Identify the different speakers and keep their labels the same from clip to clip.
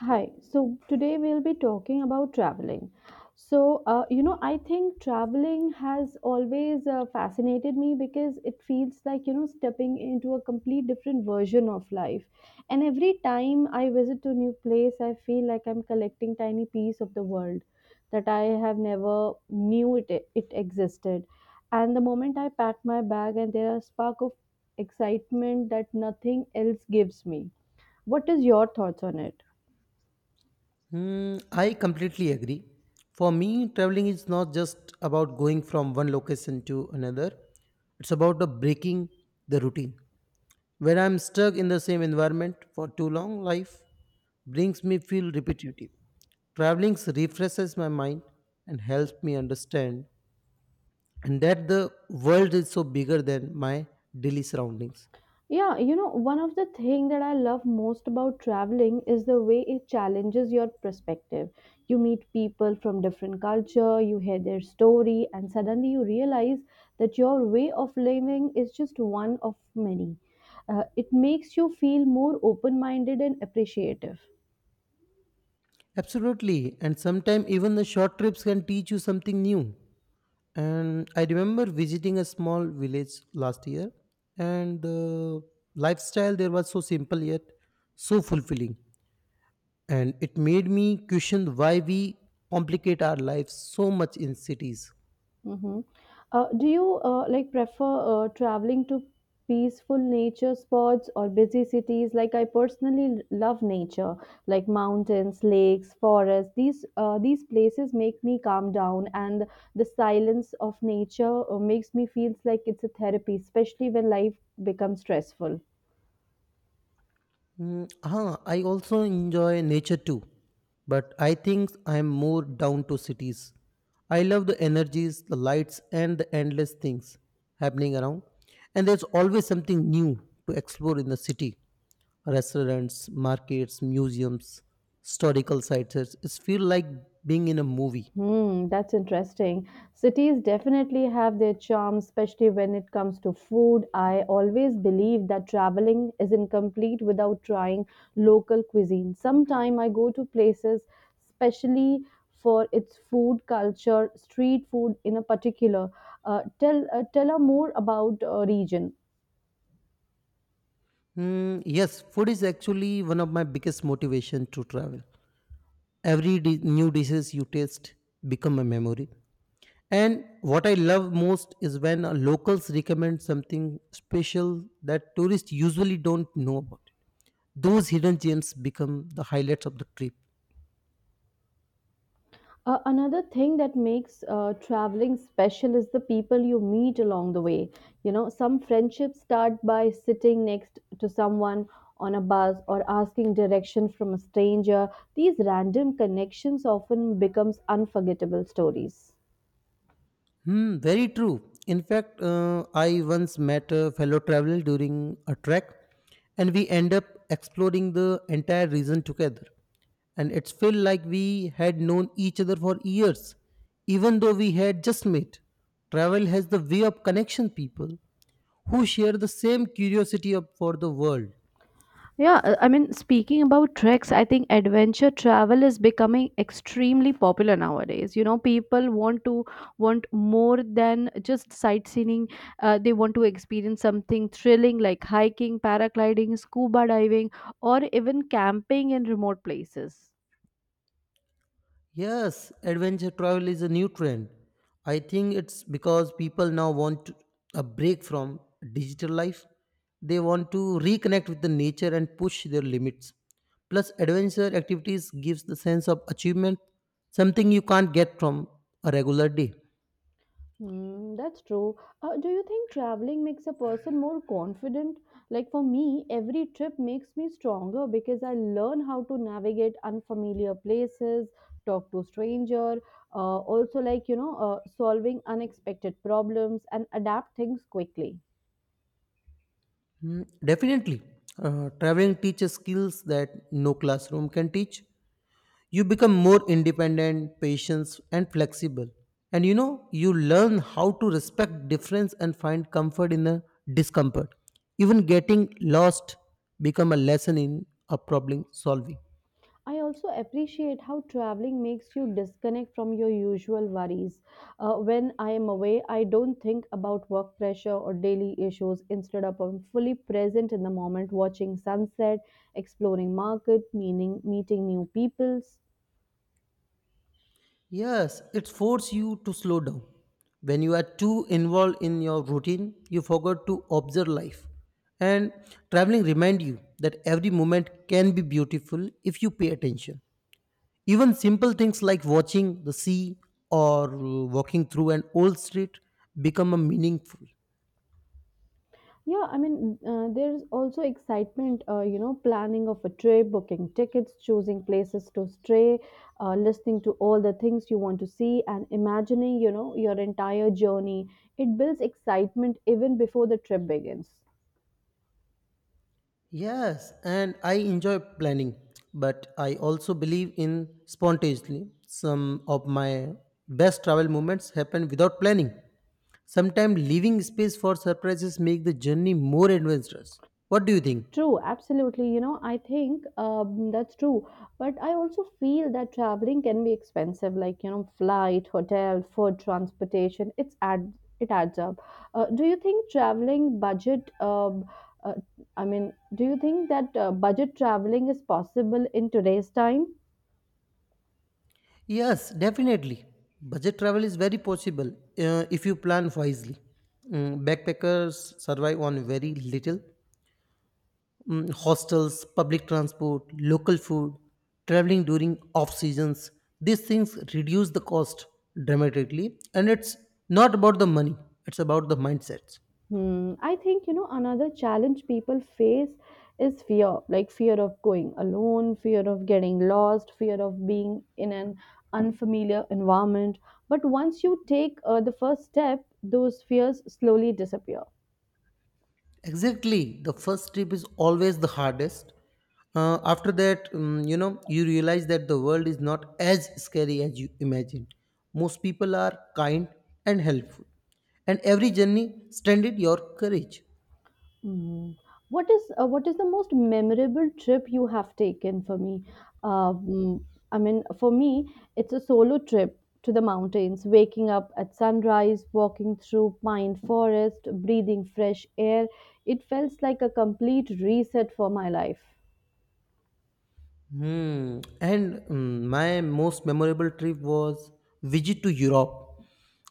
Speaker 1: Hi. So today we'll be talking about traveling. I think traveling has always fascinated me because it feels like, stepping into a complete different version of life. And every time I visit a new place, I feel like I'm collecting tiny piece of the world that I have never knew it existed. And the moment I pack my bag and there are spark of excitement that nothing else gives me. What is your thoughts on it?
Speaker 2: Hmm, I completely agree. For me, traveling is not just about going from one location to another, it's about the breaking the routine. When I'm stuck in the same environment for too long, life brings me feel repetitive. Traveling refreshes my mind and helps me understand and that the world is so bigger than my daily surroundings.
Speaker 1: Yeah, you know, one of the thing that I love most about traveling is the way it challenges your perspective. You meet people from different culture, you hear their story, and suddenly you realize that your way of living is just one of many. It makes you feel more open-minded and appreciative.
Speaker 2: Absolutely, and sometimes even the short trips can teach you something new. And I remember visiting a small village last year, and the lifestyle there was so simple yet so fulfilling. And it made me question why we complicate our lives so much in cities.
Speaker 1: Mm-hmm. Do you like prefer traveling to peaceful nature spots or busy cities? Like I personally love nature, like mountains, lakes, forests. These places make me calm down, and the silence of nature makes me feels like it's a therapy, especially when life becomes stressful.
Speaker 2: I also enjoy nature too, but I think I'm more down to cities. I love the energies, the lights, and the endless things happening around. And there's always something new to explore in the city: restaurants, markets, museums, historical sites. It's feel like being in a movie.
Speaker 1: Hmm, that's interesting. Cities definitely have their charm, especially when it comes to food. I always believe that traveling is incomplete without trying local cuisine. Sometime I go to places especially for its food culture, street food in a particular. Tell us more about region.
Speaker 2: Yes, food is actually one of my biggest motivation to travel. Every new dishes you taste become a memory. And what I love most is when locals recommend something special that tourists usually don't know about. Those hidden gems become the highlights of the trip.
Speaker 1: Another thing that makes traveling special is the people you meet along the way. You know, some friendships start by sitting next to someone on a bus or asking direction from a stranger. These random connections often becomes unforgettable stories.
Speaker 2: Hmm, very true. In fact, I once met a fellow traveler during a trek, and we end up exploring the entire region together. And it's felt like we had known each other for years, even though we had just met. Travel has the way of connection people who share the same for the world.
Speaker 1: Yeah, speaking about treks, I think adventure travel is becoming extremely popular nowadays. You know, people want to want more than just sightseeing. They want to experience something thrilling like hiking, paragliding, scuba diving, or even camping in remote places.
Speaker 2: Yes, adventure travel is a new trend. I think it's because people now want a break from digital life. They want to reconnect with the nature and push their limits. Plus, adventure activities gives the sense of achievement, something you can't get from a regular day.
Speaker 1: Hmm, that's true. Do you think traveling makes a person more confident? Like for me, every trip makes me stronger because I learn how to navigate unfamiliar places, talk to stranger, also like solving unexpected problems and adapt things quickly.
Speaker 2: Mm, definitely, traveling teaches skills that no classroom can teach. You become more independent, patient and flexible, and you know you learn how to respect difference and find comfort in the discomfort. Even getting lost become a lesson in a problem solving.
Speaker 1: I also appreciate how traveling makes you disconnect from your usual worries. When I am away, I don't think about work pressure or daily issues. Instead of I'm fully present in the moment, watching sunset, exploring market, meaning meeting new people.
Speaker 2: Yes, it forces you to slow down. When you are too involved in your routine, you forget to observe life, and traveling remind you that every moment can be beautiful if you pay attention. Even simple things like watching the sea or walking through an old street become a meaningful.
Speaker 1: Yeah, there's also excitement, planning of a trip, booking tickets, choosing places to stay, listening to all the things you want to see, and imagining, your entire journey. It builds excitement even before the trip begins.
Speaker 2: Yes, and I enjoy planning, but I also believe in spontaneity. Some of my best travel moments happen without planning. Sometimes leaving space for surprises make the journey more adventurous. What do you think?
Speaker 1: True, absolutely. I think that's true. But I also feel that traveling can be expensive, like flight, hotel, food, transportation. It adds up. Do you think traveling budget? Uh, do you think that budget traveling is possible in today's time?
Speaker 2: Yes, definitely. Budget travel is very possible if you plan wisely. Backpackers survive on very little. Hostels, public transport, local food, traveling during off seasons, these things reduce the cost dramatically. And it's not about the money, it's about the mindsets.
Speaker 1: Hmm. I think, another challenge people face is fear, like fear of going alone, fear of getting lost, fear of being in an unfamiliar environment. But once you take the first step, those fears slowly disappear.
Speaker 2: Exactly. The first trip is always the hardest. After that, you know, you realize that the world is not as scary as you imagined. Most people are kind and helpful, and every journey strengthened your courage.
Speaker 1: Mm. What is the most memorable trip you have taken for me? Um, for me, it's a solo trip to the mountains, waking up at sunrise, walking through pine forest, breathing fresh air. It felt like a complete reset for my life.
Speaker 2: Hmm. And my most memorable trip was visit to Europe.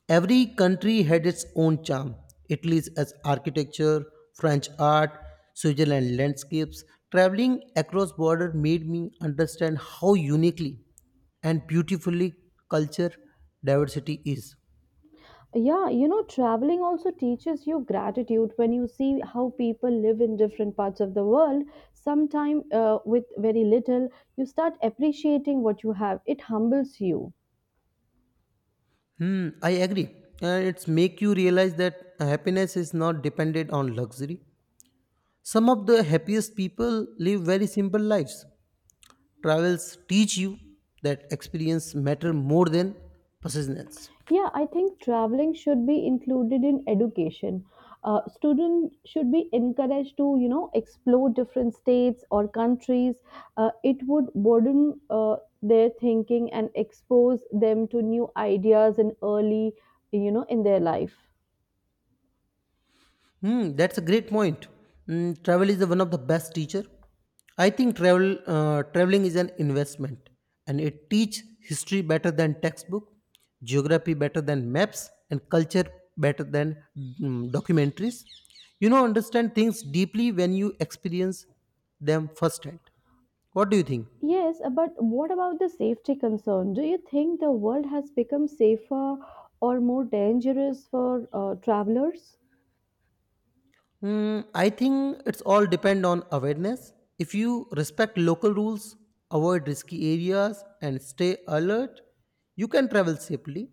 Speaker 2: Every country had its own charm. Italy's as architecture, French art, Switzerland landscapes. Traveling across border made me understand how uniquely and beautifully culture diversity is.
Speaker 1: Yeah, you know, traveling also teaches you gratitude when you see how people live in different parts of the world. Sometime with very little, you start appreciating what you have. It humbles you.
Speaker 2: Hmm, I agree. And it's make you realize that happiness is not dependent on luxury. Some of the happiest people live very simple lives. Travels teach you that experience matter more than persistence.
Speaker 1: Yeah, I think traveling should be included in education. Students should be encouraged to, explore different states or countries. It would broaden their thinking and expose them to new ideas in early, in their life.
Speaker 2: Hmm, that's a great point. Hmm, travel is the one of the best teacher. I think traveling is an investment, and it teach history better than textbook, geography better than maps, and culture better than documentaries. You know, understand things deeply when you experience them firsthand. What do you think?
Speaker 1: Yes, but what about the safety concern? Do you think the world has become safer or more dangerous for travelers?
Speaker 2: I think it's all depend on awareness. If you respect local rules, avoid risky areas, and stay alert, you can travel safely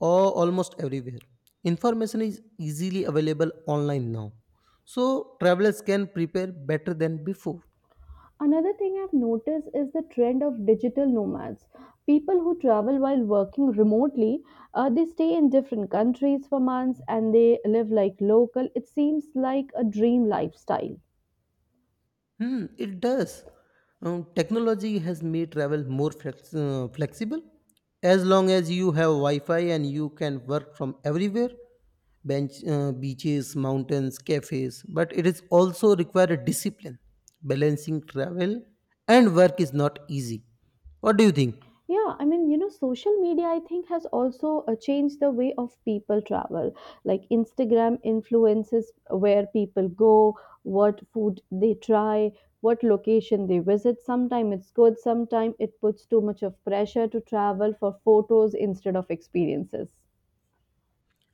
Speaker 2: or almost everywhere. Information is easily available online now, so travelers can prepare better than before.
Speaker 1: Another thing I've noticed is the trend of digital nomads. People who travel while working remotely, they stay in different countries for months and they live like local. It seems like a dream lifestyle.
Speaker 2: Hmm, it does. Technology has made travel more flexible. As long as you have Wi Fi and you can work from everywhere: beaches, mountains, cafes. But it is also require a discipline. Balancing travel and work is not easy. What do you think?
Speaker 1: Yeah, social media, I think, has also changed the way of people travel. Like Instagram influences where people go, what food they try, what location they visit. Sometimes it's good, sometimes it puts too much of pressure to travel for photos instead of experiences.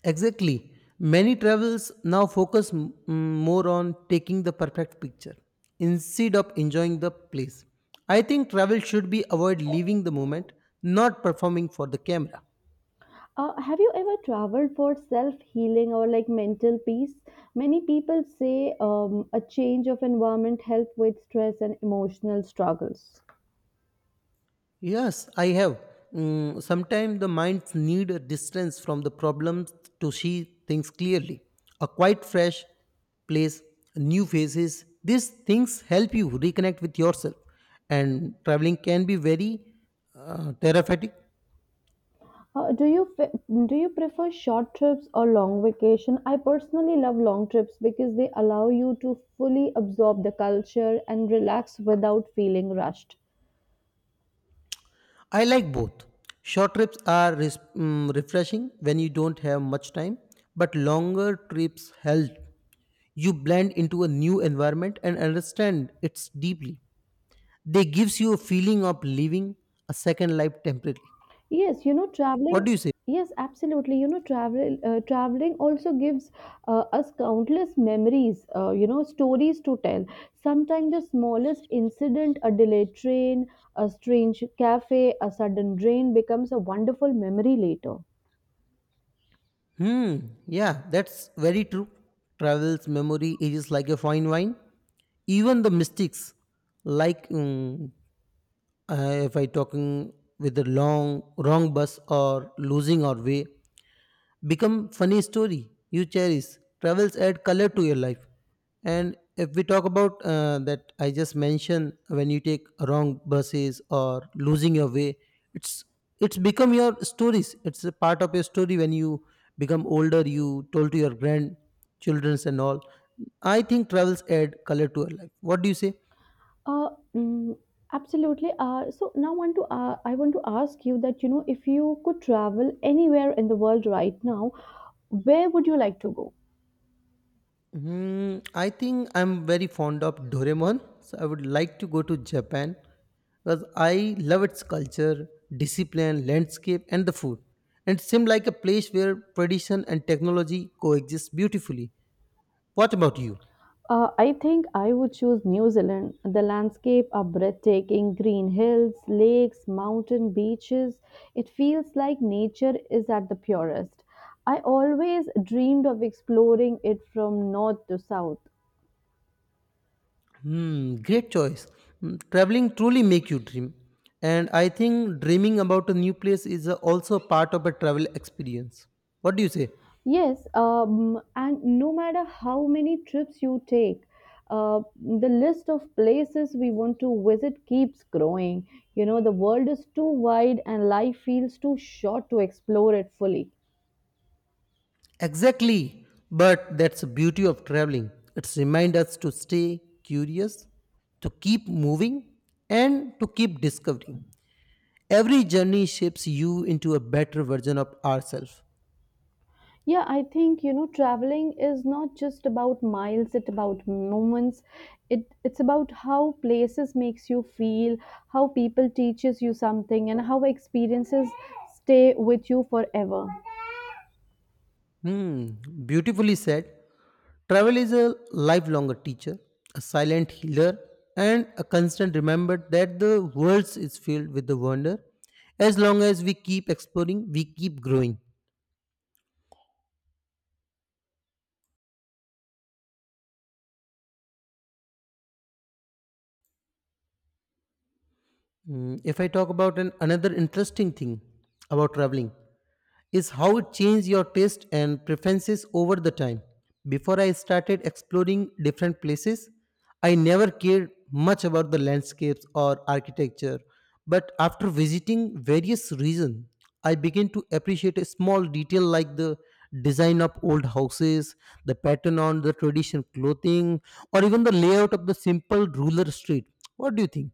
Speaker 2: Exactly. Many travels now focus more on taking the perfect picture instead of enjoying the place. I think travel should be avoid leaving the moment, not performing for the camera.
Speaker 1: Have you ever traveled for self healing or like mental peace? Many people say a change of environment help with stress and emotional struggles.
Speaker 2: Yes, I have. Sometimes the minds need a distance from the problems to see things clearly. A quite fresh place, new faces, these things help you reconnect with yourself. And traveling can be very therapeutic.
Speaker 1: Uh, do you fe- do you prefer short trips or long vacation? I personally love long trips because they allow you to fully absorb the culture and relax without feeling rushed.
Speaker 2: I like both. Short trips are refreshing when you don't have much time, but longer trips help you blend into a new environment and understand it deeply. They gives you a feeling of living a second life temporarily.
Speaker 1: Yes, you know
Speaker 2: What
Speaker 1: traveling.
Speaker 2: do you say?
Speaker 1: Yes, absolutely. Traveling also gives us countless memories. Stories to tell. Sometimes the smallest incident, a delayed train, a strange cafe, a sudden rain becomes a wonderful memory later.
Speaker 2: Hmm, yeah, that's very true. Travel's memory ages like a fine wine. Even the mystics, like mm, uh, if I talking with the long wrong bus or losing our way, become funny story you cherish. Travels add color to your life. And if we talk about that I just mentioned, when you take wrong buses or losing your way, it's it's become your stories. It's a part of your story. When you become older, you told to your grandchildren and all. I think travels add color to your life. What do you say?
Speaker 1: Uh, mm, Absolutely. So now want to I want to ask you that you know if you could travel anywhere in the world right now, where would you like to go?
Speaker 2: Hmm, I think I'm very fond of Doraemon, so I would like to go to Japan because I love its culture, discipline, landscape, and the food. And it seemed like a place where tradition and technology coexist beautifully. What about you?
Speaker 1: I think I would choose New Zealand. The landscape are breathtaking green hills, lakes, mountain beaches. It feels like nature is at the purest. I always dreamed of exploring it from north to south.
Speaker 2: Hmm, great choice. Hmm, traveling truly make you dream, and I think dreaming about a new place is also part of a travel experience. What do you say?
Speaker 1: Yes, and no matter how many trips you take, the list of places we want to visit keeps growing. You know, the world is too wide and life feels too short to explore it fully.
Speaker 2: Exactly. But that's the beauty of traveling. It's remind us to stay curious, to keep moving, and to keep discovering. Every journey shapes you into a better version of ourselves.
Speaker 1: Yeah, I think, traveling is not just about miles, it's about moments. It's about how places makes you feel, how people teaches you something, and how experiences stay with you forever.
Speaker 2: Hmm, beautifully said. Travel is a lifelong teacher, a silent healer, and a constant reminder that the world is filled with the wonder. As long as we keep exploring, we keep growing. If I talk about another interesting thing about traveling is how it changed your taste and preferences over the time. Before I started exploring different places, I never cared much about the landscapes or architecture. But after visiting various regions, I began to appreciate a small detail like the design of old houses, the pattern on the traditional clothing, or even the layout of the simple rural street. What do you think?